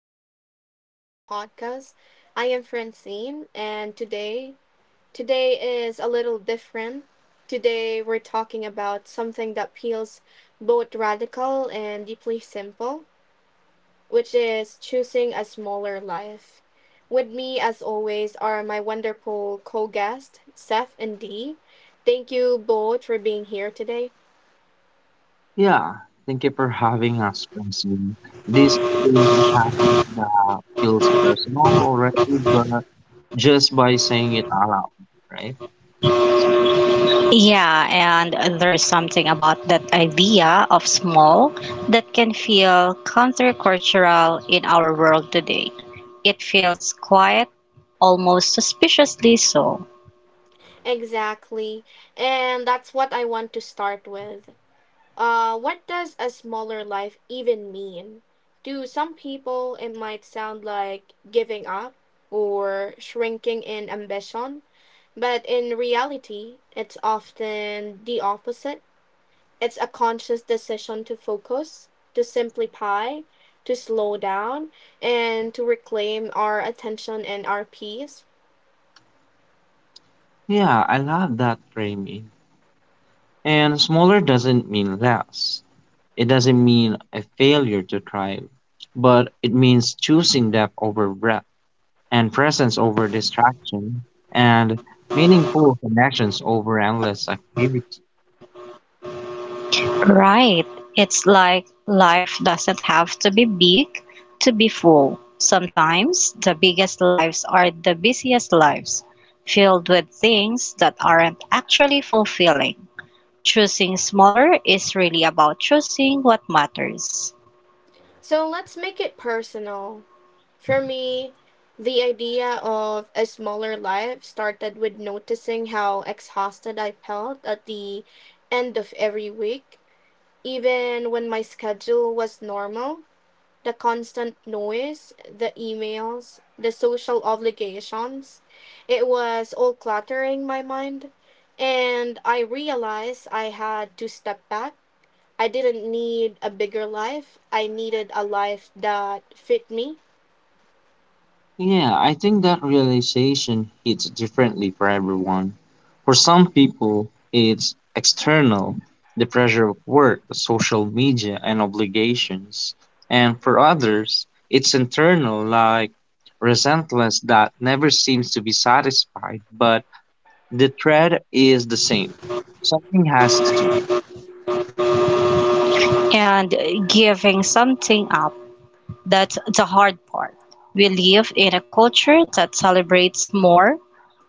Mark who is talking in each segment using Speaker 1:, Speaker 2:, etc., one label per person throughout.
Speaker 1: episode of our podcast. I am Francine, and today is a little different. Today we're talking about something that feels both radical and deeply simple, which is choosing a smaller life. With me, as always, are my wonderful co-guests, Seth and Dee. Thank you both for being here today.
Speaker 2: Yeah, thank you for having us, Francine. This is a topic that feels personal already, but just by saying it aloud, right?
Speaker 3: Yeah, and there's something about that idea of small that can feel countercultural in our world today. It feels quiet, almost suspiciously so.
Speaker 1: Exactly. And that's what I want to start with. What does a smaller life even mean? To some people, it might sound like giving up or shrinking in ambition, but in reality, it's often the opposite. It's a conscious decision to focus, to simplify, to slow down, and to reclaim our attention and our peace.
Speaker 2: Yeah, I love that framing. And smaller doesn't mean less. It doesn't mean a failure to try, but it means choosing depth over breadth and presence over distraction and meaningful connections over endless activity.
Speaker 3: Right. It's like life doesn't have to be big to be full. Sometimes the biggest lives are the busiest lives, filled with things that aren't actually fulfilling. Choosing smaller is really about choosing what matters.
Speaker 1: So let's make it personal. For me, the idea of a smaller life started with noticing how exhausted I felt at the end of every week. Even when my schedule was normal, the constant noise, the emails, the social obligations, it was all cluttering my mind. And I realized I had to step back. I didn't need a bigger life, I needed a life that fit me.
Speaker 2: Yeah, I think that realization hits differently for everyone. For some people, it's external, the pressure of work, social media, and obligations. And for others, it's internal, like resentment that never seems to be satisfied, but the thread is the same. Something has to.
Speaker 3: And giving something up. That's the hard part. We live in a culture that celebrates more,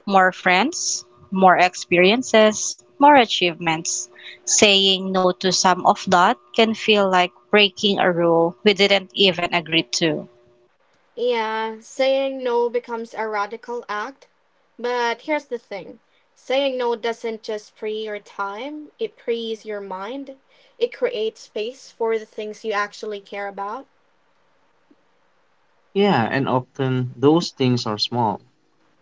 Speaker 3: more friends, more experiences, more achievements. Saying no to some of that can feel like breaking a rule we didn't even agree to.
Speaker 1: Yeah, saying no becomes a radical act. But here's the thing, saying no doesn't just free your time, it frees your mind. It creates space for the things you actually care about.
Speaker 2: Yeah, and often those things are small,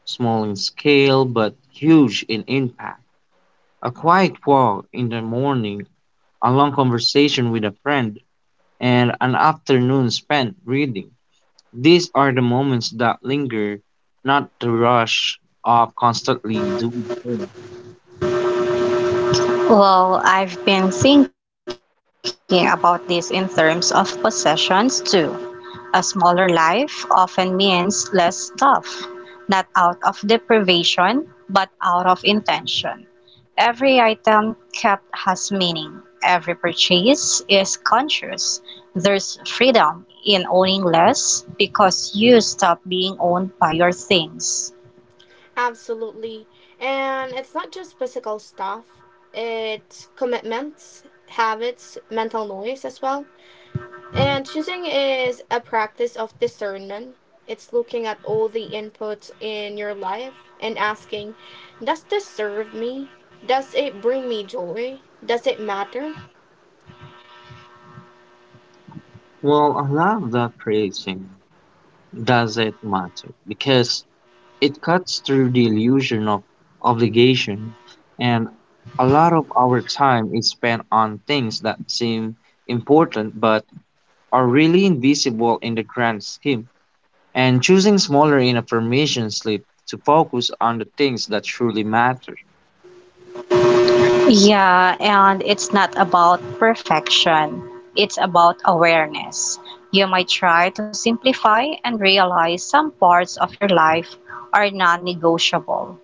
Speaker 2: small in scale, but huge in impact. A quiet walk in the morning, a long conversation with a friend, and an afternoon spent reading. These are the moments that linger, not the rush of constantly doing more.
Speaker 3: Well, I've been thinking about this in terms of possessions too. A smaller life often means less stuff, not out of deprivation, but out of intention. Every item kept has meaning. Every purchase is conscious. There's freedom in owning less because you stop being owned by your things.
Speaker 1: Absolutely. And it's not just physical stuff, it's commitments, habits, mental noise as well. And choosing is a practice of discernment. It's looking at all the inputs in your life and asking, does this serve me? Does it bring me joy? Does it matter?
Speaker 2: Well, I love that phrasing. Does it matter? Because it cuts through the illusion of obligation, and a lot of our time is spent on things that seem important but are really invisible in the grand scheme. And choosing smaller in a formation slip to focus on the things that truly matter.
Speaker 3: Yeah, and it's not about perfection. It's about awareness. You might try to simplify and realize some parts of your life are non negotiable.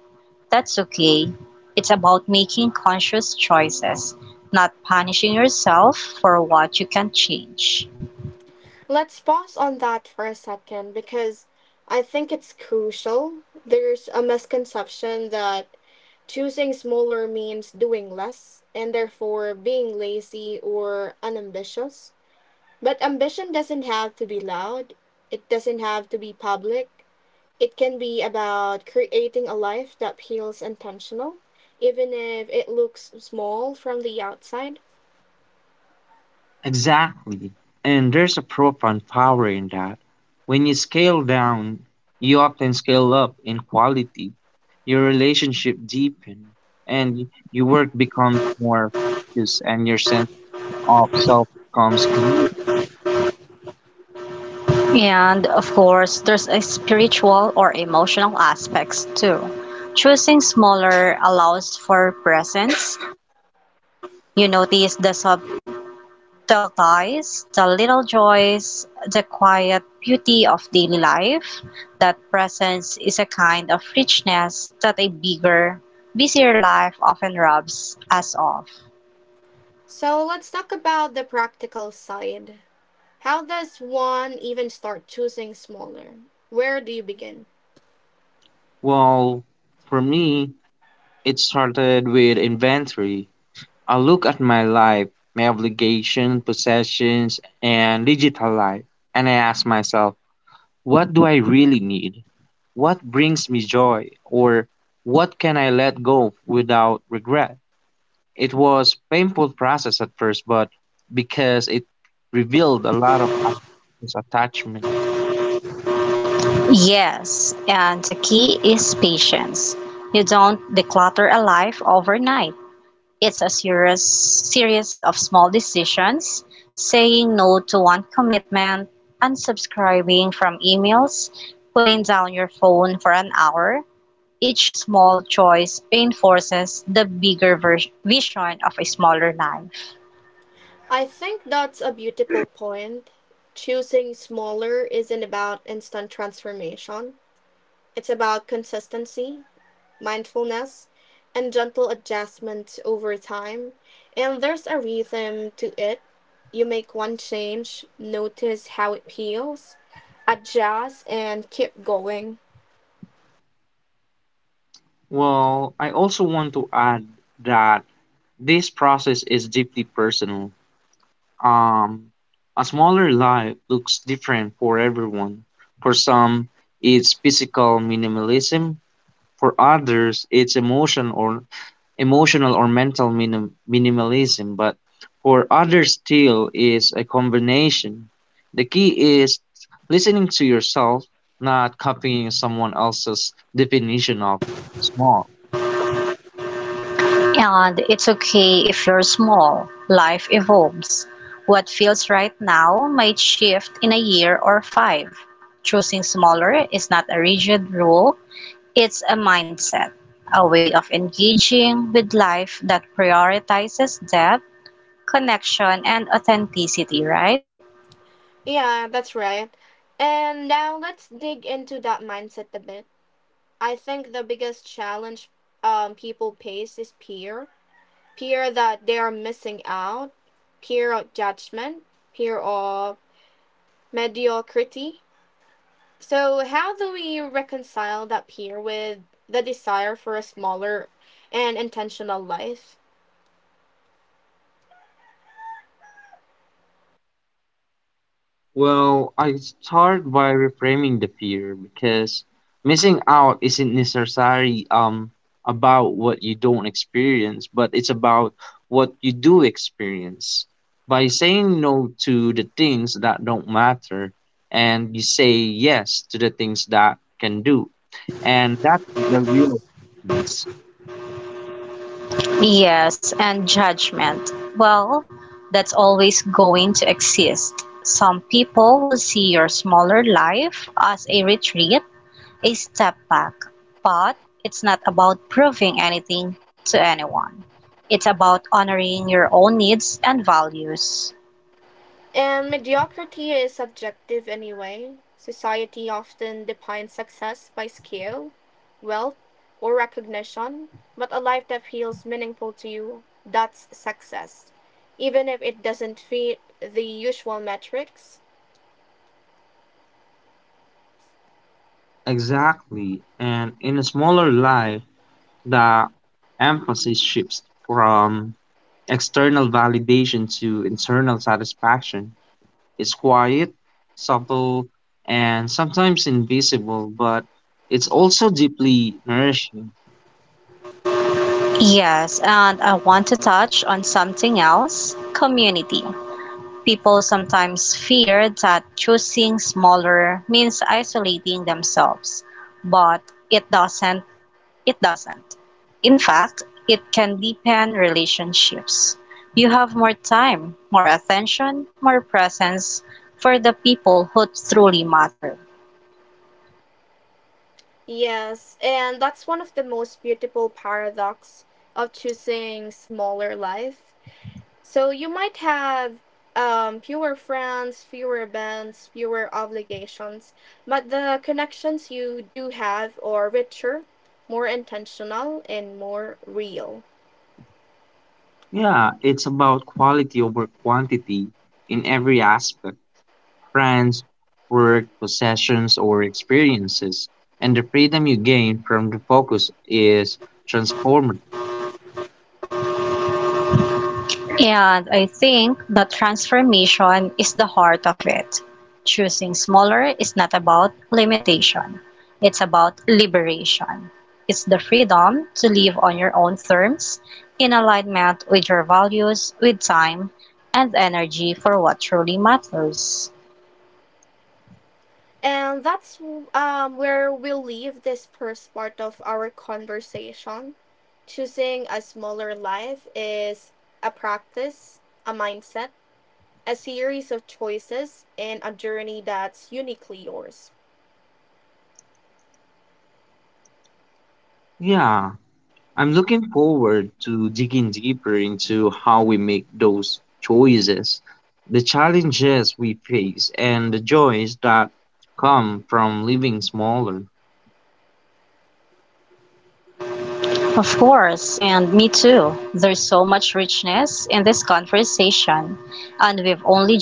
Speaker 3: That's okay. It's about making conscious choices, not punishing yourself for what you can change.
Speaker 1: Let's pause on that for a second because I think it's crucial. There's a misconception that choosing smaller means doing less and therefore being lazy or unambitious. But ambition doesn't have to be loud, it doesn't have to be public. It can be about creating a life that feels intentional, even if it looks small from the outside.
Speaker 2: Exactly. And there's a profound power in that. When you scale down, you often scale up in quality. Your relationship deepen and your work becomes more focused and your sense of self becomes clear.
Speaker 3: And of course, there's a spiritual or emotional aspects too. Choosing smaller allows for presence. You notice the sub dull ties, the little joys, the quiet beauty of daily life, that presence is a kind of richness that a bigger, busier life often robs us of.
Speaker 1: So let's talk about the practical side. How does one even start choosing smaller? Where do you begin?
Speaker 2: Well, for me, it started with inventory. I look at my life, my obligations, possessions, and digital life, and I ask myself, what do I really need? What brings me joy? Or what can I let go without regret? It was painful process at first, but because it revealed a lot of unconscious attachment.
Speaker 3: Yes, and the key is patience. You don't declutter a life overnight. It's a serious series of small decisions, saying no to one commitment, unsubscribing from emails, putting down your phone for an hour. Each small choice reinforces the bigger vision of a smaller life.
Speaker 1: I think that's a beautiful point. Choosing smaller isn't about instant transformation, it's about consistency, mindfulness, and gentle adjustment over time. And there's a rhythm to it. You make one change, notice how it feels, adjust, and keep going.
Speaker 2: Well, I also want to add that this process is deeply personal. Um, a smaller life looks different for everyone. For some, it's physical minimalism. For others, it's emotion or emotional or mental minimalism. But for others, still is a combination. The key is listening to yourself, not copying someone else's definition of small.
Speaker 3: And it's okay if you're small. Life evolves. What feels right now might shift in a year or five. Choosing smaller is not a rigid rule, it's a mindset, a way of engaging with life that prioritizes depth, connection, and authenticity, right?
Speaker 1: Yeah, that's right. And now let's dig into that mindset a bit. I think the biggest challenge people face is fear, fear that they are missing out, fear of judgment, fear of mediocrity. So, how do we reconcile that fear with the desire for a smaller and intentional life?
Speaker 2: Well, I start by reframing the fear because missing out isn't necessarily about what you don't experience, but it's about what you do experience. By saying no to the things that don't matter and you say yes to the things that can do. And that's the real difference.
Speaker 3: Yes, and judgment. Well, that's always going to exist. Some people will see your smaller life as a retreat, a step back, but it's not about proving anything to anyone. It's about honoring your own needs and values.
Speaker 1: And mediocrity is subjective anyway. Society often defines success by skill, wealth, or recognition, but a life that feels meaningful to you, that's success, even if it doesn't fit the usual metrics.
Speaker 2: Exactly. And in a smaller life, the emphasis shifts from external validation to internal satisfaction is quiet, subtle, and sometimes invisible, but it's also deeply nourishing.
Speaker 3: Yes, and I want to touch on something else community. People sometimes fear that choosing smaller means isolating themselves, but it doesn't it doesn't. In fact, it can deepen relationships. You have more time, more attention, more presence for the people who truly matter.
Speaker 1: Yes, and that's one of the most beautiful paradoxes of choosing smaller life. So you might have fewer friends, fewer bands, fewer obligations, but the connections you do have are richer, more intentional, and more real.
Speaker 2: Yeah, it's about quality over quantity in every aspect, friends, work, possessions, or experiences. And the freedom you gain from the focus is transformative.
Speaker 3: And I think that transformation is the heart of it. Choosing smaller is not about limitation, it's about liberation. It's the freedom to live on your own terms, in alignment with your values, with time, and energy for what truly matters.
Speaker 1: And that's where we'll leave this first part of our conversation. Choosing a smaller life is a practice, a mindset, a series of choices, and a journey that's uniquely yours.
Speaker 2: Yeah. I'm looking forward to digging deeper into how we make those choices, the challenges we face, and the joys that come from living smaller.
Speaker 3: Of course, and me too. There's so much richness in this conversation, and we've only just begun.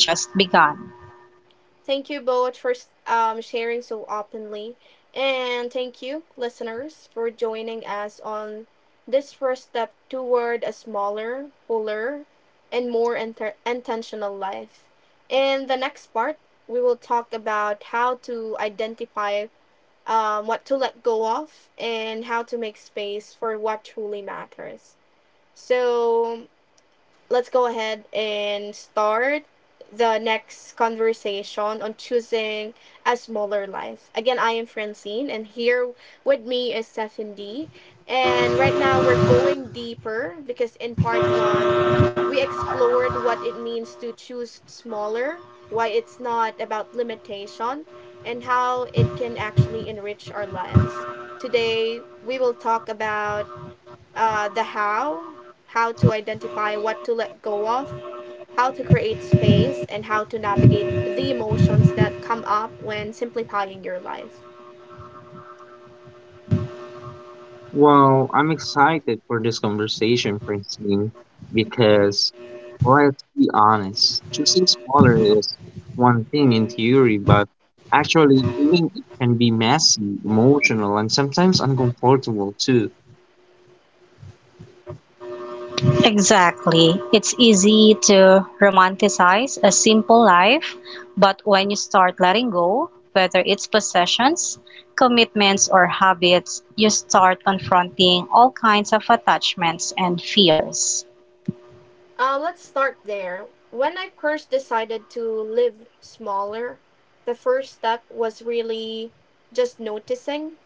Speaker 1: Thank you both for sharing so openly. And thank you, listeners, for joining us on this first step toward a smaller, fuller, and more intentional life. In the next part, we will talk about how to identify what to let go of and how to make space for what truly matters. So, let's go ahead and start the next conversation on choosing a smaller life. Again, I am Francine, and here with me is Stephen D. And right now, we're going deeper because in part one, we explored what it means to choose smaller, why it's not about limitation, and how it can actually enrich our lives. Today, we will talk about the how to identify what to let go of, how to create space, and how to navigate the emotions that come up when simplifying your life.
Speaker 2: Well, I'm excited for this conversation, Francine, because, well, let's be honest, choosing smaller is one thing in theory, but actually doing it can be messy, emotional, and sometimes uncomfortable too.
Speaker 3: Exactly. It's easy to romanticize a simple life, but when you start letting go, whether it's possessions, commitments, or habits, you start confronting all kinds of attachments and fears.
Speaker 1: Let's start there. When I first decided to live smaller, the first step was really just noticing.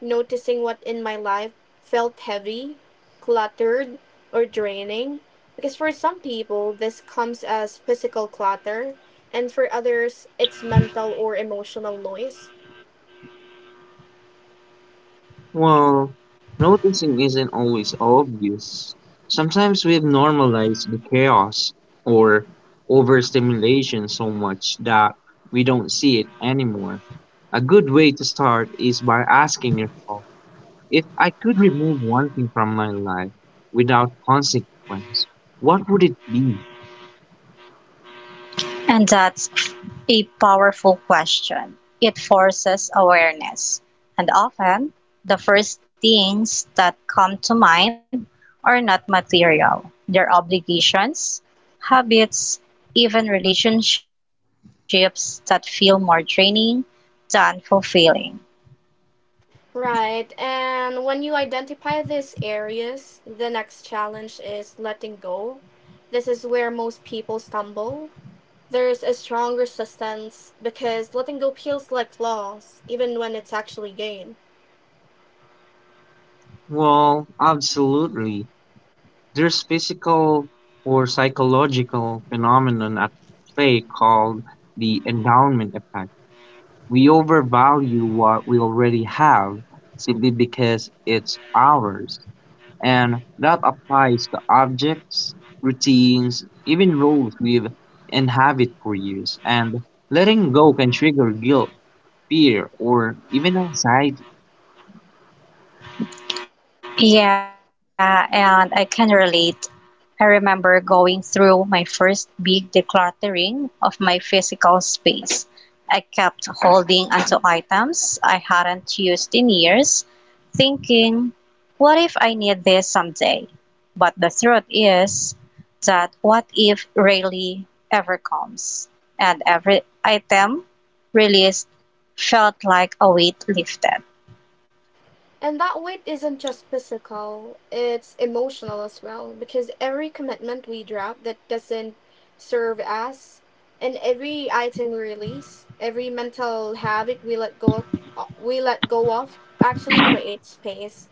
Speaker 1: Noticing what in my life felt heavy, cluttered, or draining. Because for some people, this comes as physical clutter, and for others, it's mental or emotional noise.
Speaker 2: Well, noticing isn't always obvious. Sometimes we've normalized the chaos or overstimulation so much that we don't see it anymore. A good way to start is by asking yourself, if I could remove one thing from my life without consequence, what would it be?
Speaker 3: And that's a powerful question. It forces awareness. And often, the first things that come to mind are not material. They're obligations, habits, even relationships that feel more draining than fulfilling.
Speaker 1: Right, and when you identify these areas, the next challenge is letting go. This is where most people stumble. There's a strong resistance because letting go feels like loss, even when it's actually gain.
Speaker 2: Well, absolutely. There's physical or psychological phenomenon at play called the endowment effect. We overvalue what we already have simply because it's ours. And that applies to objects, routines, even roles we've inhabited for years. And letting go can trigger guilt, fear, or even anxiety.
Speaker 3: Yeah, and I can relate. I remember going through my first big decluttering of my physical space. I kept holding onto items I hadn't used in years, thinking, what if I need this someday? But the truth is that what if rarely ever comes, and every item released felt like a weight lifted.
Speaker 1: And that weight isn't just physical, it's emotional as well, because every commitment we drop that doesn't serve us, and every item we release, every mental habit we let go of actually creates space.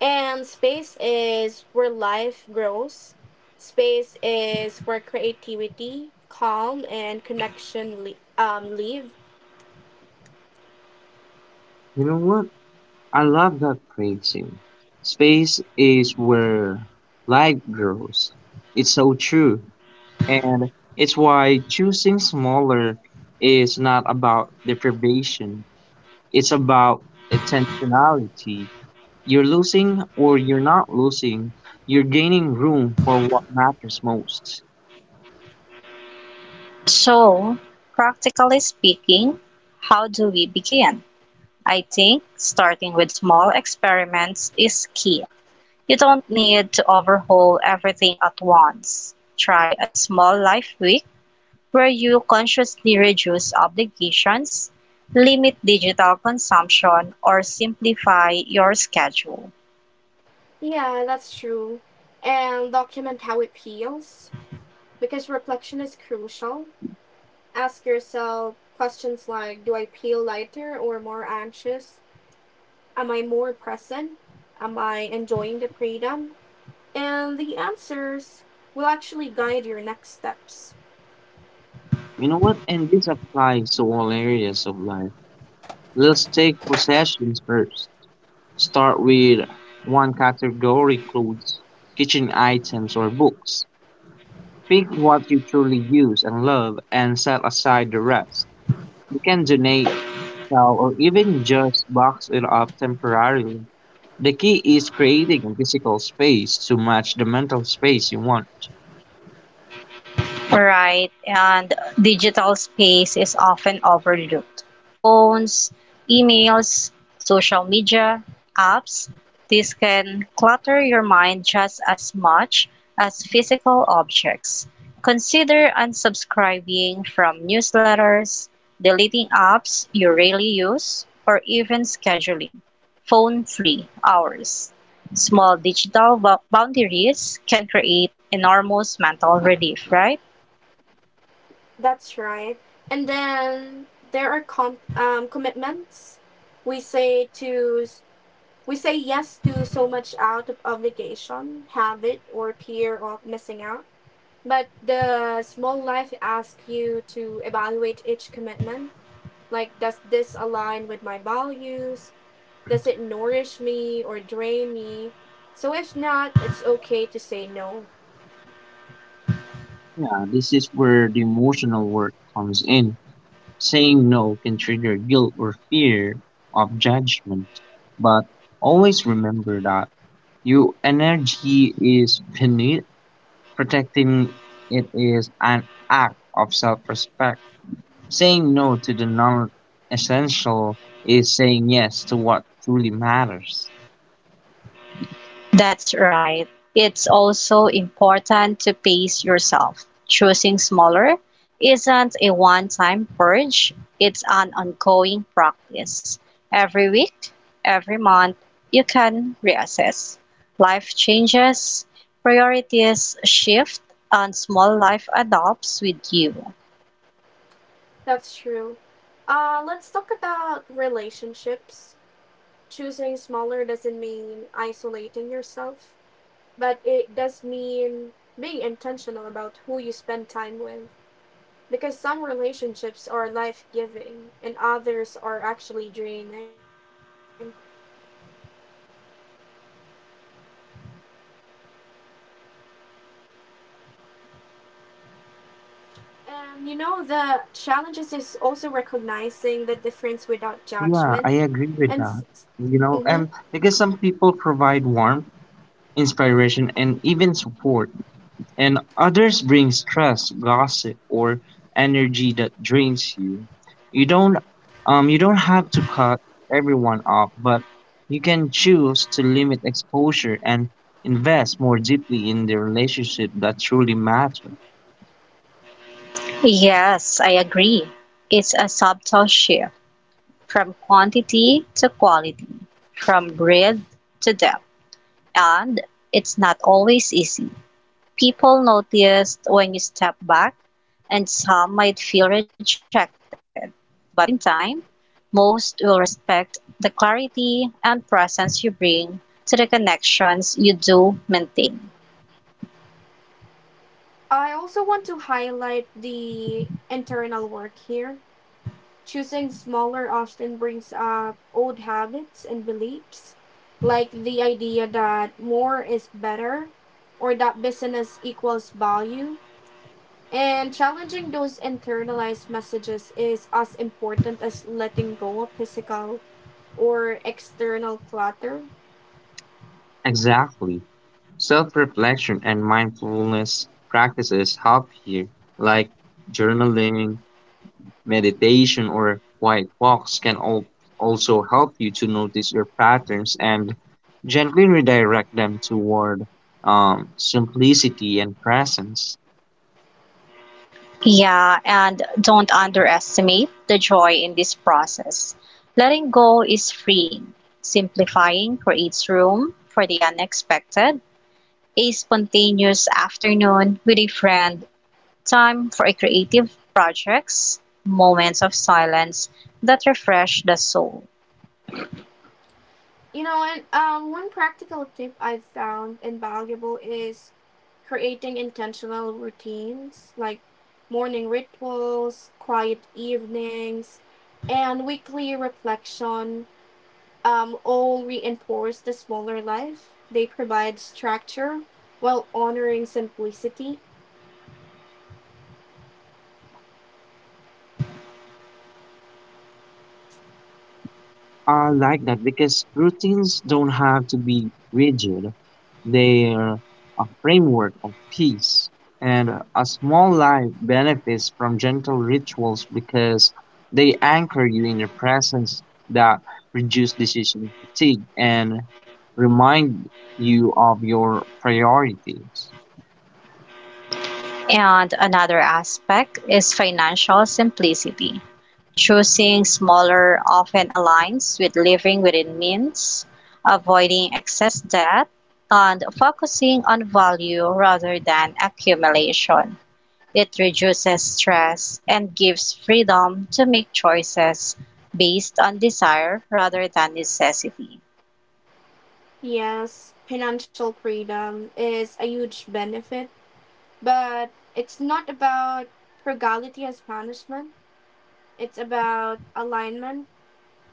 Speaker 1: And space is where life grows. Space is where creativity, calm, and connection live.
Speaker 2: You know what? I love that phrasing. Space is where life grows. It's so true. And it's why choosing smaller is not about deprivation, it's about intentionality. You're losing or you're not losing, you're gaining room for what matters most.
Speaker 3: So, practically speaking, how do we begin? I think starting with small experiments is key. You don't need to overhaul everything at once. Try a small life week where you consciously reduce obligations, limit digital consumption, or simplify your schedule.
Speaker 1: Yeah, that's true. And document how it feels because reflection is crucial. Ask yourself questions like, do I feel lighter or more anxious? Am I more present? Am I enjoying the freedom? And the answers will actually guide your next steps.
Speaker 2: You know what? And this applies to all areas of life. Let's take possessions first. Start with one category, clothes, kitchen items, or books. Pick what you truly use and love and set aside the rest. You can donate now or even just box it up temporarily. The key is creating a physical space to match the mental space you want.
Speaker 3: Right, and digital space is often overlooked. Phones, emails, social media, apps, this can clutter your mind just as much as physical objects. Consider unsubscribing from newsletters, deleting apps you rarely use, or even scheduling phone free hours. Small digital boundaries can create enormous mental relief, right?
Speaker 1: That's right. And then there are commitments. We say to we say yes to so much out of obligation, habit, or fear of missing out. But the small life asks you to evaluate each commitment. Like, does this align with my values? Does it nourish me or drain me? So, if not, it's okay to say no.
Speaker 2: Yeah, this is where the emotional work comes in. Saying no can trigger guilt or fear of judgment, but always remember that your energy is finite. Protecting it is an act of self respect. Saying no to the non essential is saying yes to what truly matters.
Speaker 3: That's right. It's also important to pace yourself. Choosing smaller isn't a one time purge, it's an ongoing practice. Every week, every month, you can reassess. Life changes, priorities shift, and small life adopts with you.
Speaker 1: That's true. Let's talk about relationships. Choosing smaller doesn't mean isolating yourself, but it does mean being intentional about who you spend time with. Because some relationships are life giving and others are actually draining. And you know, the challenges is also recognizing the difference without judgment.
Speaker 2: Yeah, I
Speaker 1: And
Speaker 2: agree with that.
Speaker 1: mm
Speaker 2: You know, and because some people provide warmth, inspiration, and even support, and others bring stress, gossip, or energy that drains you. You don't, you don't have to cut everyone off, but you can choose to limit exposure and invest more deeply in the relationship that truly matter.
Speaker 3: Yes, I agree. It's a subtle shift from quantity to quality, from breadth to depth. And it's not always easy. People noticed when you step back, and some might feel rejected. But in time, most will respect the clarity and presence you bring to the connections you do maintain.
Speaker 1: I also want to highlight the internal work here. Choosing smaller often brings up old habits and beliefs, like the idea that more is better or that business equals value. And challenging those internalized messages is as important as letting go of physical or external clutter.
Speaker 2: Exactly. Self reflection and mindfulness practices help here, like journaling, meditation, or quiet walks can also help you to notice your patterns and gently redirect them toward simplicity and presence.
Speaker 3: Yeah, and don't underestimate the joy in this process. Letting go is freeing. Simplifying creates room for the unexpected. A spontaneous afternoon with a friend time for a creative projects, moments of silence that refresh the soul.
Speaker 1: You know, and one practical tip I've found invaluable is creating intentional routines, like morning rituals, quiet evenings, and weekly reflection, all reinforce the smaller life. They provide structure while honoring simplicity.
Speaker 2: You know what? I like that because routines don't have to be rigid. They're a framework of peace, and a small life benefits from gentle rituals because they anchor you in the presence that reduce decision fatigue and remind you of your priorities.
Speaker 3: And another aspect is financial simplicity. Choosing smaller often aligns with living within means, avoiding excess debt, and focusing on value rather than accumulation. It reduces stress and gives freedom to make choices based on desire rather than necessity.
Speaker 1: Yes, financial freedom is a huge benefit, but it's not about frugality as punishment. It's about alignment,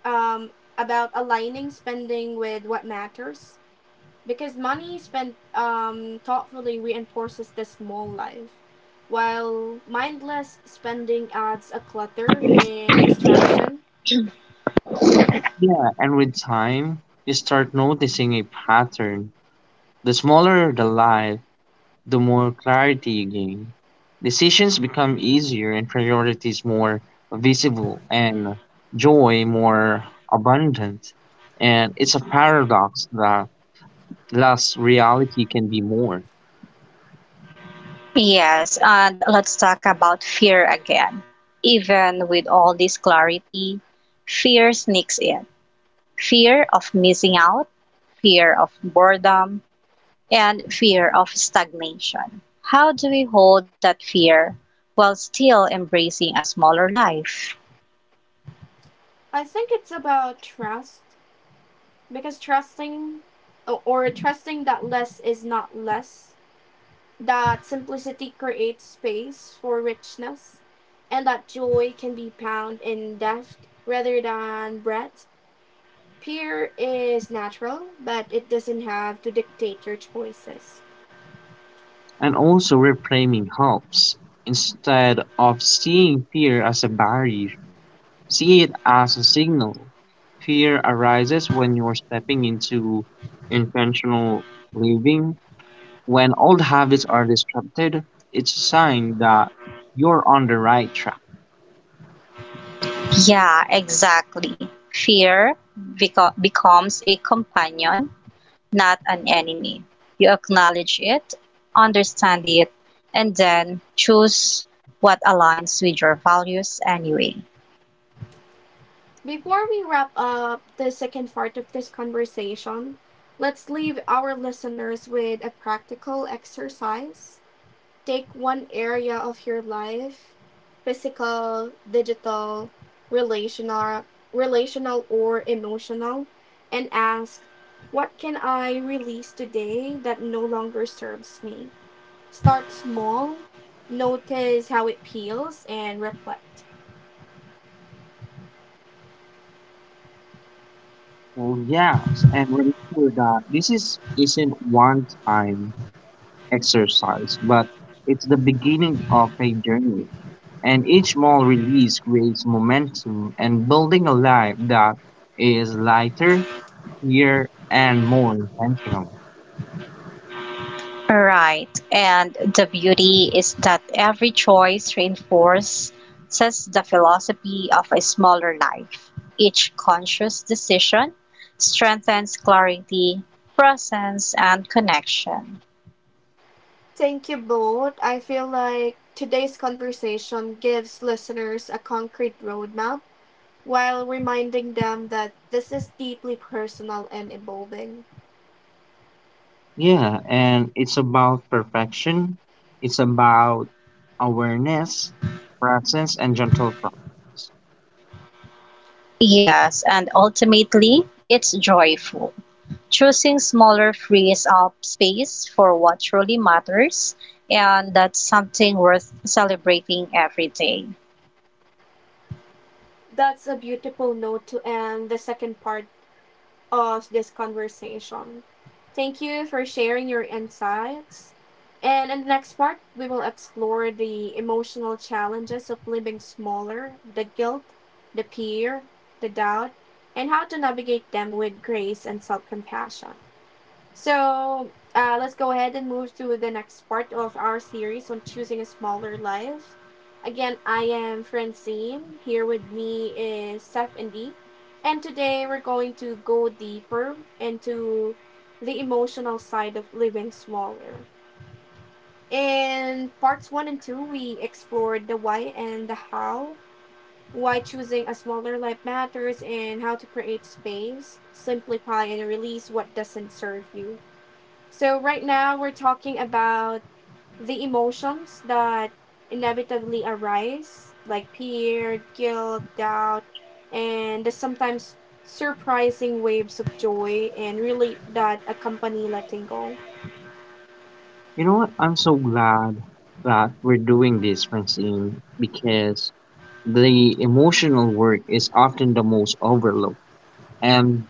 Speaker 1: um, about aligning spending with what matters. Because money spent thoughtfully reinforces the small life, while mindless spending adds a clutter and distraction.
Speaker 2: Yeah, and with time, you start noticing a pattern. The smaller the life, the more clarity you gain. Decisions become easier and priorities more visible and joy more abundant. And it's a paradox that less reality can be more.
Speaker 3: Yes, and let's talk about fear again. Even with all this clarity, fear sneaks in. Fear of missing out, fear of boredom, and fear of stagnation. How do we hold that fear while still embracing a smaller life?
Speaker 1: I think it's about trust, because trusting that less is not less, that simplicity creates space for richness, and that joy can be found in depth rather than breadth. Peer is natural, but it doesn't have to dictate your choices.
Speaker 2: And also, reframing helps. Instead of seeing fear as a barrier, see it as a signal. Fear arises when you're stepping into intentional living. When old habits are disrupted, it's a sign that you're on the right track.
Speaker 3: Yeah, exactly. Fear becomes a companion not an enemy. You acknowledge it, understand it, and then choose what aligns with your values anyway.
Speaker 1: Before we wrap up the second part of this conversation, let's leave our listeners with a practical exercise. Take one area of your life, physical, digital, relational, relational or emotional, and ask, what can I release today that no longer serves me? Start small, notice how it feels, and reflect.
Speaker 2: Well, yes, and remember that this is isn't one-time exercise, but it's the beginning of a journey. And each small release creates momentum and building a life that is lighter, clearer, and more intentional.
Speaker 3: Right. And the beauty is that every choice reinforces the philosophy of a smaller life. Each conscious decision strengthens clarity, presence, and connection.
Speaker 1: Thank you both. I feel like today's conversation gives listeners a concrete roadmap while reminding them that this is deeply personal and evolving.
Speaker 2: Yeah, and it's about perfection. It's about awareness, presence, and gentle practice.
Speaker 3: Yes, and ultimately, it's joyful. Choosing smaller frees up space for what truly matters, and that's something worth celebrating every day.
Speaker 1: That's a beautiful note to end the second part of this conversation. Thank you for sharing your insights. And in the next part, we will explore the emotional challenges of living smaller, the guilt, the fear, the doubt, and how to navigate them with grace and self compassion. So let's go ahead and move to the next part of our series on choosing a smaller life. Again, I am Francine. Here with me is Seth and Dee. And today we're going to go deeper into the emotional side of living smaller. In parts one and two, we explored the why and the how, why choosing a smaller life matters, and how to create space, simplify, and release what doesn't serve you. So, right now we're talking about the emotions that inevitably arise, like fear, guilt, doubt, and the sometimes surprising waves of joy and really that accompany letting go.
Speaker 2: You know what? I'm so glad that we're doing this, Francine, because the emotional work is often the most overlooked. And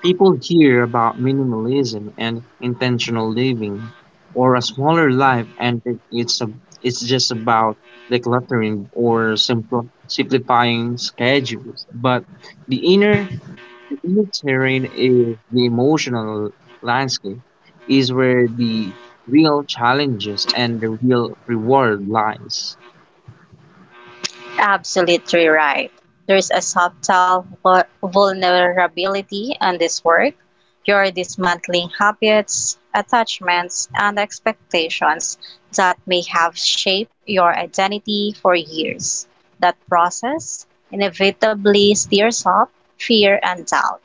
Speaker 2: people hear about minimalism and intentional living, or a smaller life, and think it's a, it's just about decluttering or simplifying schedules. But the inner the inner terrain is the emotional landscape, is where the real challenges and the real reward lies.
Speaker 3: Absolutely right. There's a subtle vulnerability in this work. You're dismantling habits, attachments, and expectations that may have shaped your identity for years. That process inevitably stirs up fear and doubt.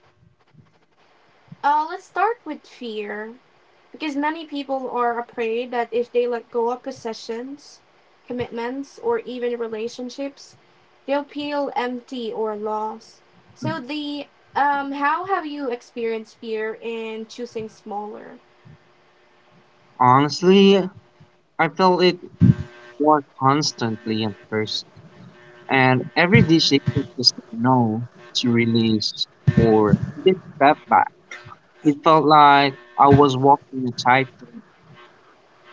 Speaker 1: Let's start with fear. Because many people are afraid that if they let go of possessions, commitments, or even relationships, they'll feel empty or lost. So the how have you experienced fear in choosing smaller?
Speaker 2: Honestly, I felt it more constantly at first. And every decision to say no, to release, or take step back, it felt like I was walking a tightrope.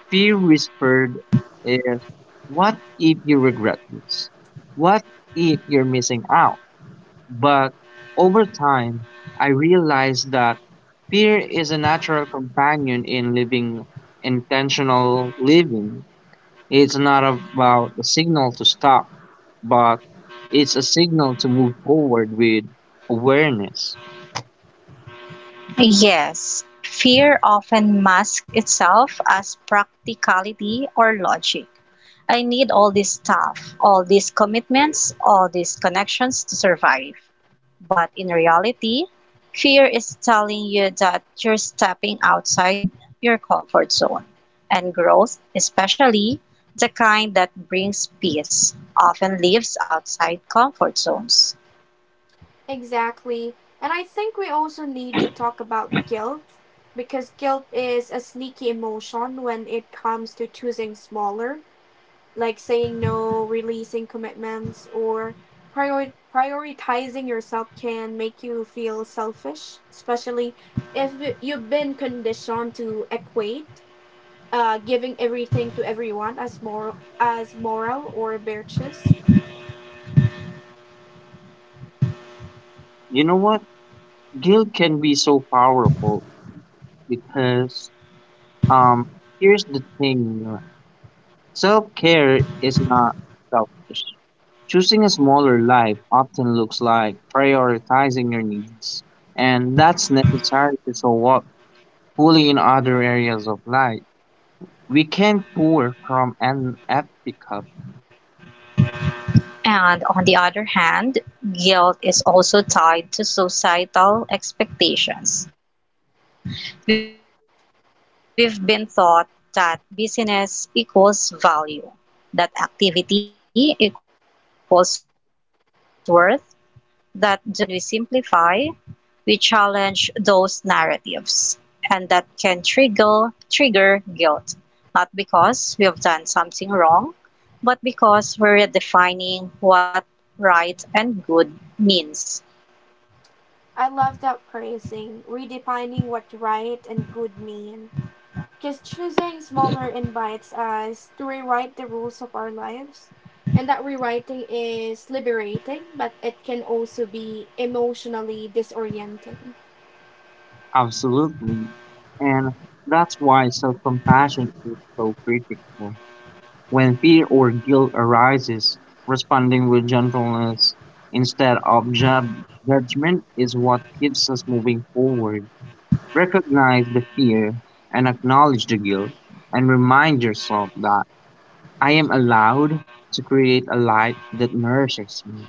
Speaker 2: Fear whispered, is, what if you regret this? What if you're missing out? But over time, I realized that fear is a natural companion in living intentional living. It's not about a signal to stop, but it's a signal to move forward with awareness.
Speaker 3: Yes, fear often masks itself as practicality or logic. I need all this stuff, all these commitments, all these connections to survive. But in reality, fear is telling you that you're stepping outside your comfort zone. And growth, especially the kind that brings peace, often lives outside comfort zones.
Speaker 1: Exactly. And I think we also need to talk about guilt, because guilt is a sneaky emotion when it comes to choosing smaller. Like saying no, releasing commitments, or prioritizing yourself can make you feel selfish, especially if you've been conditioned to equate giving everything to everyone as moral or virtuous.
Speaker 2: You know what? Guilt can be so powerful because, um here's the thing. Self care is not selfish. Choosing a smaller life often looks like prioritizing your needs. And that's necessary to show up fully in other areas of life. We can't pour from an empty cup.
Speaker 3: And on the other hand, guilt is also tied to societal expectations. We've been taught that business equals value, that activity equals worth, that doing more demonstrates care. But when we simplify, we challenge those narratives, and that can trigger guilt, not because we have done something wrong, but because we're redefining what right and good means.
Speaker 1: I love that phrasing, redefining what right and good mean. Just choosing smaller invites us to rewrite the rules of our lives. And that rewriting is liberating, but it can also be emotionally disorienting.
Speaker 2: Absolutely. And that's why self compassion is so critical. When fear or guilt arises, responding with gentleness instead of judgment is what keeps us moving forward. Recognize the fear and acknowledge the guilt, and remind yourself that I am allowed to create a life that nourishes me.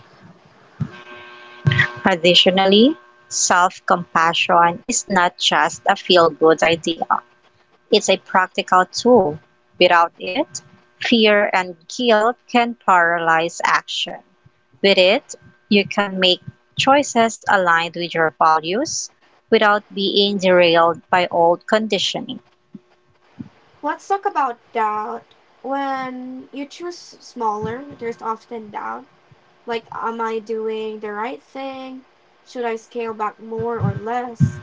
Speaker 3: Additionally, self compassion is not just a feel good idea. It's a practical tool; without it, fear and guilt can paralyze action. With it, you can make choices aligned with your values without being derailed by old conditioning.
Speaker 1: Let's talk about doubt. When you choose smaller, there's often doubt. Like, am I doing the right thing? Should I scale back more or less?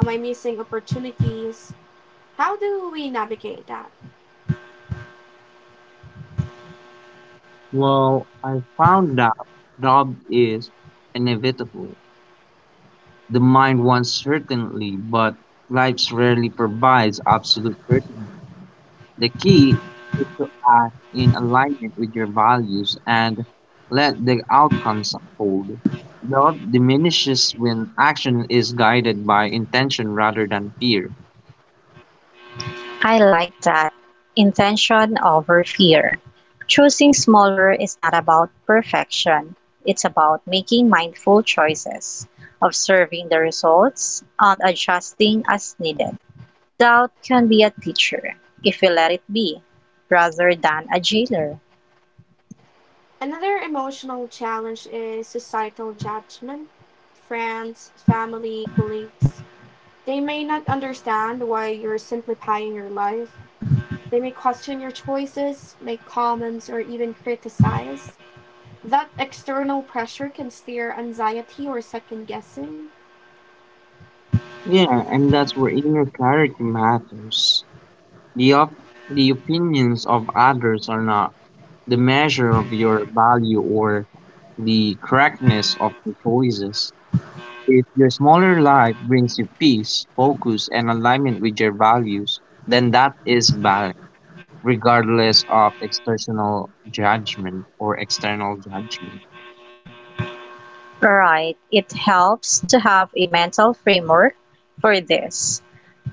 Speaker 1: Am I missing opportunities? How do we navigate that?
Speaker 2: Well, I found out doubt is inevitable. The mind wants certainty, but life rarely provides absolute certainty. The key is to act in alignment with your values and let the outcomes unfold. Doubt diminishes when action is guided by intention rather than fear.
Speaker 3: I like that. Intention over fear. Choosing smaller is not about perfection. It's about making mindful choices, observing the results, and adjusting as needed. Doubt can be a teacher, if we let it be, rather than a jailer.
Speaker 1: Another emotional challenge is societal judgment. Friends, family, colleagues, they may not understand why you're simplifying your life. They may question your choices, make comments, or even criticize. That external pressure can steer anxiety or second guessing.
Speaker 2: Yeah, and that's where inner clarity matters. The op- the opinions of others are not the measure of your value or the correctness of your choices. If your smaller life brings you peace, focus, and alignment with your values, then that is balance, regardless of external judgment or external judgment.
Speaker 3: Right, it helps to have a mental framework for this.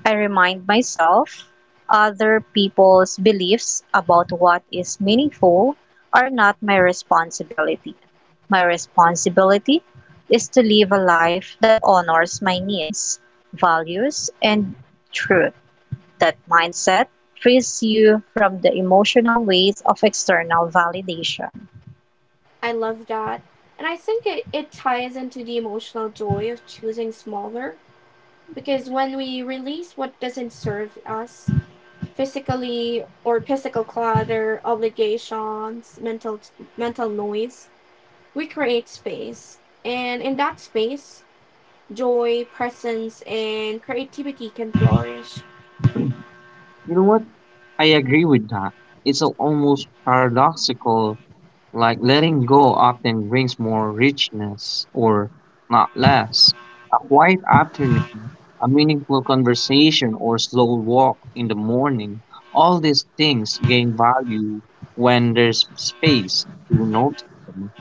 Speaker 3: I remind myself other people's beliefs about what is meaningful are not my responsibility. My responsibility is to live a life that honors my needs, values, and truth. That mindset frees you from the emotional weight of external validation.
Speaker 1: I love that. And I think it ties into the emotional joy of choosing smaller, because when we release what doesn't serve us, physically or physical clutter, obligations, mental noise, we create space. And in that space, joy, presence, and creativity can flourish.
Speaker 2: You know what? I agree with that. It's almost paradoxical. Like letting go often brings more richness or not less. A quiet afternoon, a meaningful conversation, or slow walk in the morning, all these things gain value when there's space to notice them.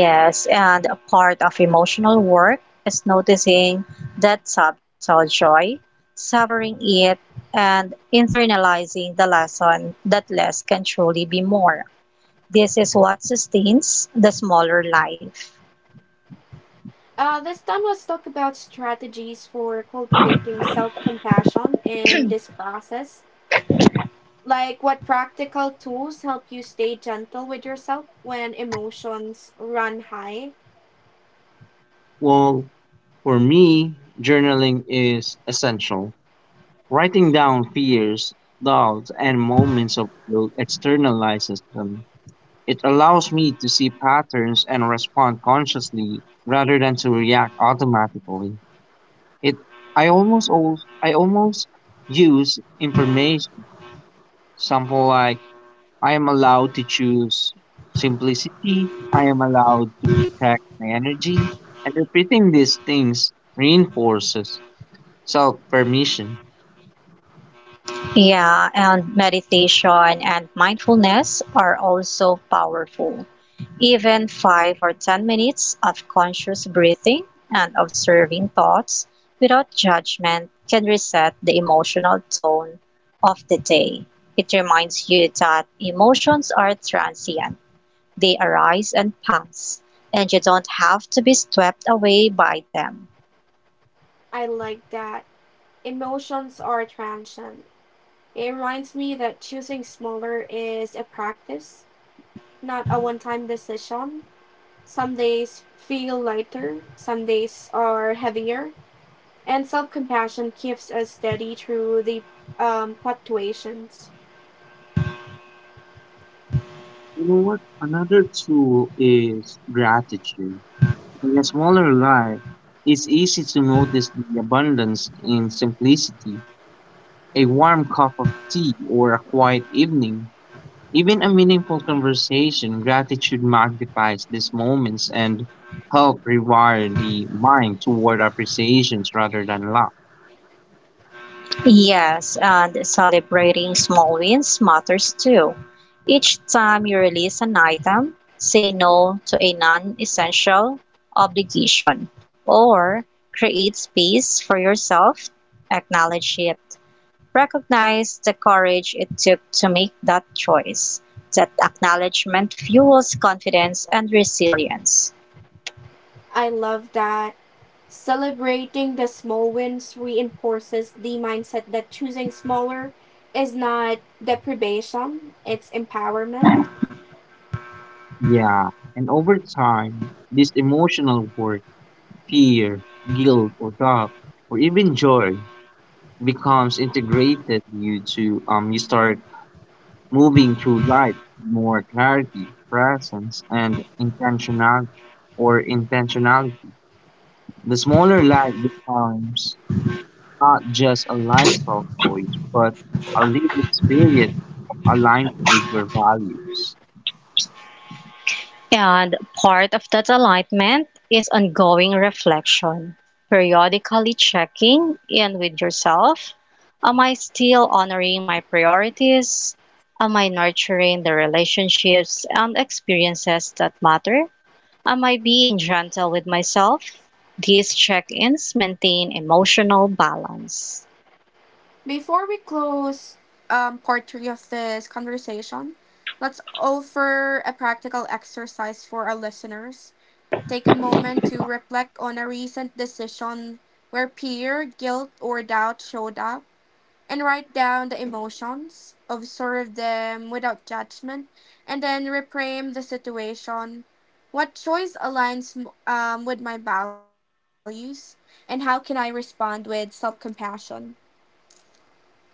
Speaker 3: Yes, and a part of emotional work is noticing that subtle joy, savoring it, and internalizing the lesson that less can truly be more. This is what sustains the smaller life.
Speaker 1: This time, let's talk about strategies for cultivating self compassion in this process. Like, what practical tools help you stay gentle with yourself when emotions run high?
Speaker 2: Well, for me, journaling is essential. Writing down fears, doubts, and moments of guilt externalizes them. It allows me to see patterns and respond consciously rather than to react automatically. It I almost use information sample like I am allowed to choose simplicity, I am allowed to protect my energy, and repeating these things reinforces self permission.
Speaker 3: Yeah, and meditation and mindfulness are also powerful. Even 5 or 10 minutes of conscious breathing and observing thoughts without judgment can reset the emotional tone of the day. It reminds you that emotions are transient, they arise and pass, and you don't have to be swept away by them.
Speaker 1: I like that. Emotions are transient. It reminds me that choosing smaller is a practice, not a one time decision. Some days feel lighter, some days are heavier, and self compassion keeps us steady through the fluctuations.
Speaker 2: You know what? Another tool is gratitude. In a smaller life, it's easy to notice the abundance in simplicity, a warm cup of tea or a quiet evening. Even a meaningful conversation, gratitude magnifies these moments and help rewire the mind toward appreciations rather than lack.
Speaker 3: Yes, and celebrating small wins matters too. Each time you release an item, say no to a non essential obligation or create space for yourself. Acknowledge it. Recognize the courage it took to make that choice. That acknowledgement fuels confidence and resilience.
Speaker 1: I love that. Celebrating the small wins reinforces the mindset that choosing smaller is not deprivation, it's empowerment.
Speaker 2: Yeah, and over time, this emotional work, fear, guilt, or doubt, or even joy, becomes integrated. You start moving through life with more clarity, presence, and intentional or intentionality. The smaller life becomes not just a lifestyle choice, but a lived experience aligned with your values.
Speaker 3: And part of that alignment is ongoing reflection, periodically checking in with yourself. Am I still honoring my priorities? Am I nurturing the relationships and experiences that matter? Am I being gentle with myself? These check ins maintain emotional balance.
Speaker 1: Before we close part three of this conversation, let's offer a practical exercise for our listeners. Take a moment to reflect on a recent decision where fear, guilt, or doubt showed up and write down the emotions, observe them without judgment, and then reframe the situation. What choice aligns with my values, and how can I respond with self compassion?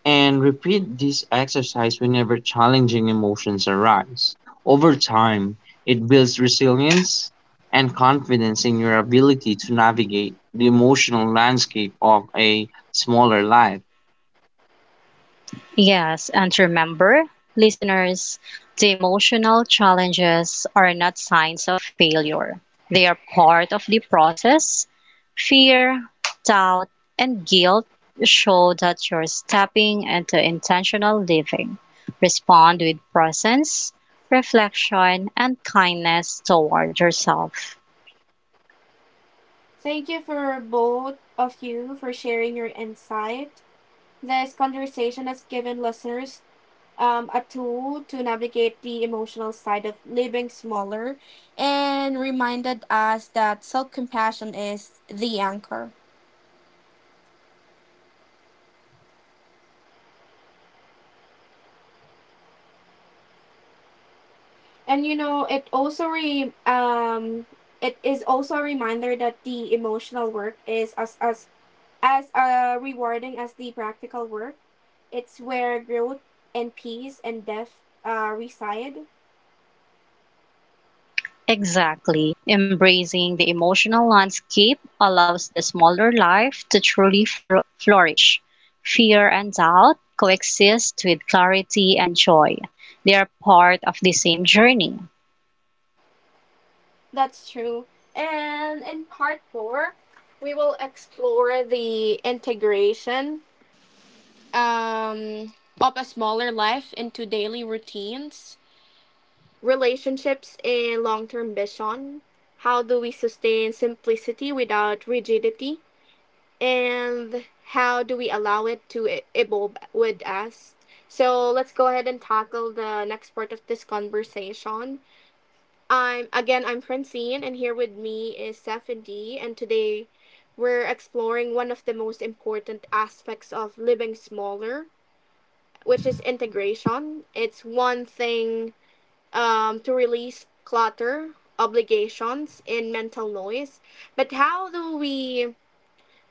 Speaker 2: And repeat this exercise whenever challenging emotions arise. Over time, it builds resilience and confidence in your ability to navigate the emotional landscape of a smaller life.
Speaker 3: Yes, and remember, listeners, the emotional challenges are not signs of failure. They are part of the process. Fear, doubt, and guilt show that you're stepping into intentional living. Respond with presence, reflection, and kindness toward yourself.
Speaker 1: Thank you for both of you for sharing your insight. This conversation has given listeners a tool to navigate the emotional side of living smaller and reminded us that self compassion is the anchor. And you know, it also it is also a reminder that the emotional work is as rewarding as the practical work. It's where growth and peace and depth reside.
Speaker 3: Exactly. Embracing the emotional landscape allows the smaller life to truly flourish. Fear and doubt coexist with clarity and joy. They are part of the same journey.
Speaker 1: That's true. And in part four, we will explore the integration um, of a smaller life into daily routines, relationships, and long term vision. How do we sustain simplicity without rigidity? And how do we allow it to evolve with us? So let's go ahead and tackle the next part of this conversation. I'm Francine and here with me is Seth and Dee, and today we're exploring one of the most important aspects of living smaller, which is integration. It's one thing to release clutter, obligations, and mental noise, but how do we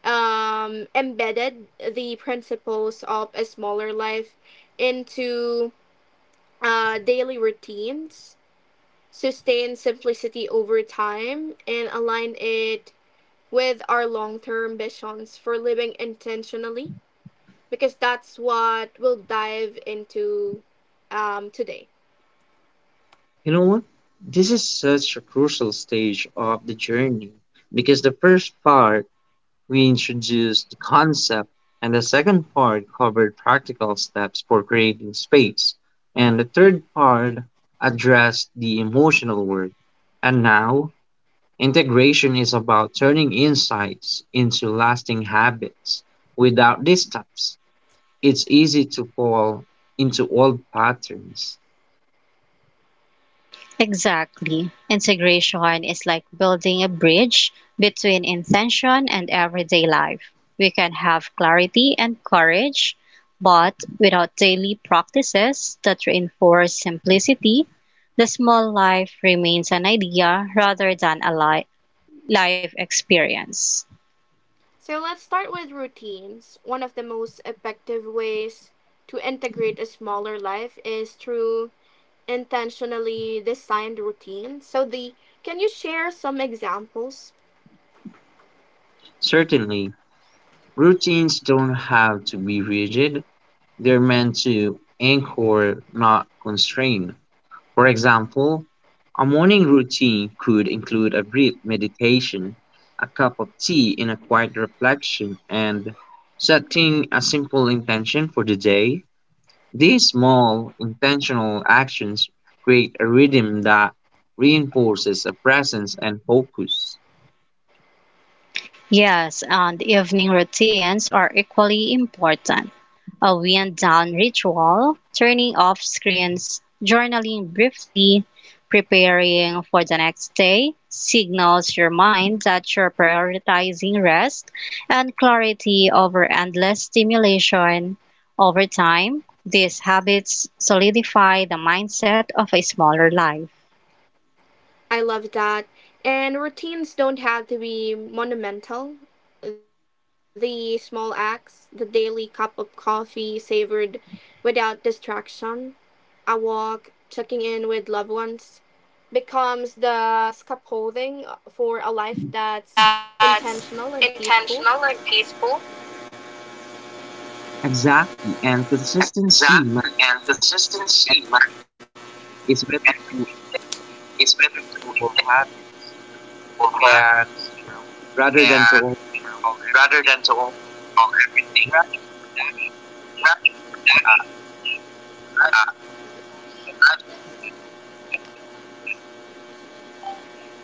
Speaker 1: embedded the principles of a smaller life into daily routines? Sustain simplicity over time, and align it with our long term visions for living intentionally because that's what we'll dive into today.
Speaker 2: You know what? This is such a crucial stage of the journey because the first part we introduced the concept and the second part covered practical steps for creating space and the third part addressed the emotional work. And now integration is about turning insights into lasting habits. Without these steps, it's easy to fall into old patterns.
Speaker 3: Exactly. Integration is like building a bridge between intention and everyday life. We can have clarity and courage, but without daily practices that reinforce simplicity, the small life remains an idea rather than a life experience.
Speaker 1: So let's start with routines. One of the most effective ways to integrate a smaller life is through intentionally designed routines. So the can you share some examples?
Speaker 2: Certainly, routines don't have to be rigid, they're meant to anchor, not constrain. For example, a morning routine could include a brief meditation, a cup of tea in a quiet reflection, and setting a simple intention for the day. These small, intentional actions create a rhythm that reinforces a presence and focus.
Speaker 3: Yes, and evening routines are equally important. A wind down ritual, turning off screens, journaling briefly, preparing for the next day signals your mind that you're prioritizing rest and clarity over endless stimulation. Over time, these habits solidify the mindset of a smaller life.
Speaker 1: I love that. And routines don't have to be monumental. The small acts, the daily cup of coffee savored without distraction, a walk, checking in with loved ones, becomes the scaffolding for a life that's intentional
Speaker 3: That's
Speaker 1: and peaceful.
Speaker 3: intentional and peaceful.
Speaker 2: Exactly, and consistency
Speaker 3: Exactly, and
Speaker 2: matters more than
Speaker 3: consistency
Speaker 2: intensity. It's
Speaker 3: and
Speaker 2: better to integrate
Speaker 3: it's better
Speaker 2: more
Speaker 3: to get
Speaker 2: sustainable habits,
Speaker 3: people happy
Speaker 2: can you know, rather than to
Speaker 3: and, you know,
Speaker 2: overhaul
Speaker 3: rather than
Speaker 2: everything
Speaker 3: to
Speaker 2: at
Speaker 3: own
Speaker 2: once.
Speaker 3: everything.
Speaker 2: Gradual adaptations
Speaker 3: Rather
Speaker 2: ensure
Speaker 3: than
Speaker 2: that the
Speaker 3: that,
Speaker 2: lifestyle becomes authentic
Speaker 3: uh,
Speaker 2: rather than forced.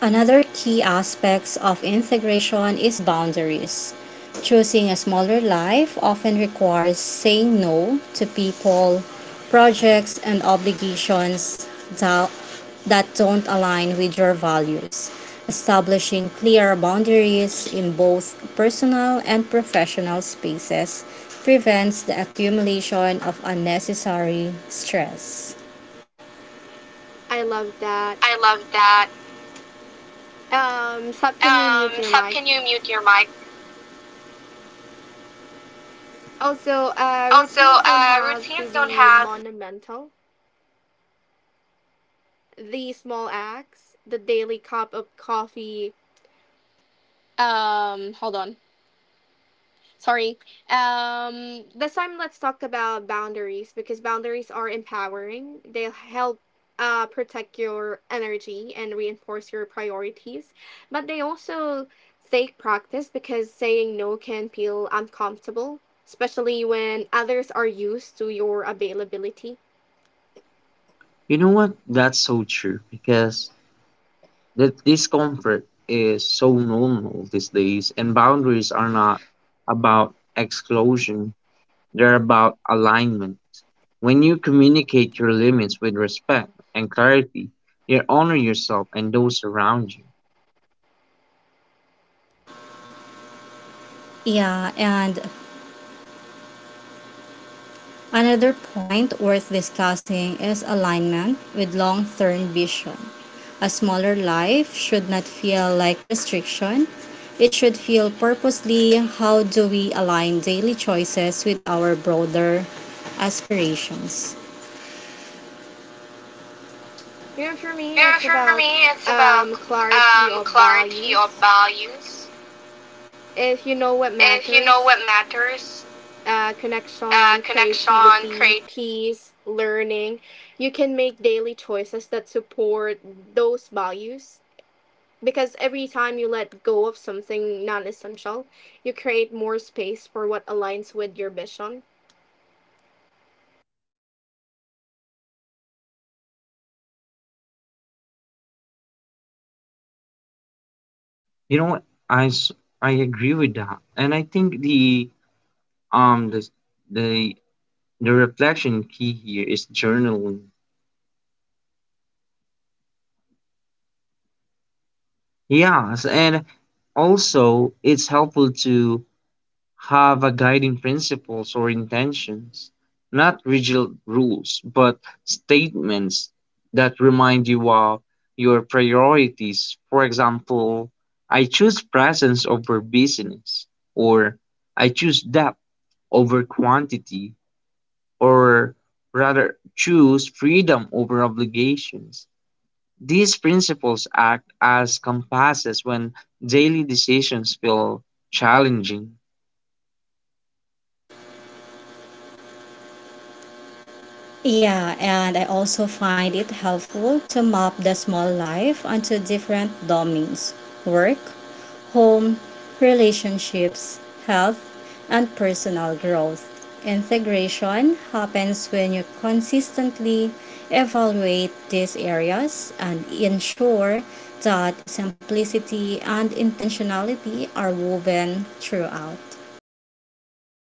Speaker 3: Another key aspect of integration is boundaries. Choosing a smaller life often requires saying no to people, projects, and obligations that, that don't align with your values. Establishing clear boundaries in both personal and professional spaces prevents the accumulation of unnecessary stress.
Speaker 1: I love that.
Speaker 3: I love that.
Speaker 1: Sab, can you mute your
Speaker 3: Sab, can
Speaker 1: mic?
Speaker 3: you mute your mic?
Speaker 1: Also,
Speaker 3: Also,
Speaker 1: routines don't have to
Speaker 3: routines don't
Speaker 1: be
Speaker 3: have.
Speaker 1: monumental. The Small Axe, the Daily Cup of Coffee. Hold on. Sorry. This time, let's talk about boundaries because boundaries are empowering. They help protect your energy and reinforce your priorities, but they also take practice because saying no can feel uncomfortable, especially when others are used to your availability.
Speaker 2: You know what, that's so true because the discomfort is so normal these days and boundaries are not about exclusion, they're about alignment. When you communicate your limits with respect and clarity, you honor yourself and those around you.
Speaker 3: Yeah, and another point worth discussing is alignment with long term vision. A smaller life should not feel like restriction. It should feel purposely how do we align daily choices with our broader aspirations.
Speaker 1: You know, for me,
Speaker 3: Yeah,
Speaker 1: it's
Speaker 3: for
Speaker 1: about
Speaker 3: me, it's about
Speaker 1: clarity of
Speaker 3: clarity of
Speaker 1: values.
Speaker 3: values.
Speaker 1: If you know what
Speaker 3: If you know
Speaker 1: matters,
Speaker 3: what matters,
Speaker 1: connection,
Speaker 3: connection,
Speaker 1: creativity,
Speaker 3: creativity.
Speaker 1: peace, learning, you can make daily choices that support those values. Because every time you let go of something non essential, you create more space for what aligns with your vision.
Speaker 2: You know what? I, s- I agree with that. And I think um the the the reflection key here is journaling. Yes, and also it's helpful to have a guiding principles or intentions, not rigid rules, but statements that remind you of your priorities. For example, I choose presence over business, or I choose depth over quantity, or rather choose freedom over obligations. These principles act as compasses when daily decisions feel challenging.
Speaker 3: Yeah, and I also find it helpful to map the small life onto different domains work, home, relationships, health, and personal growth. Integration happens when you consistently evaluate these areas and ensure that simplicity and intentionality are woven throughout.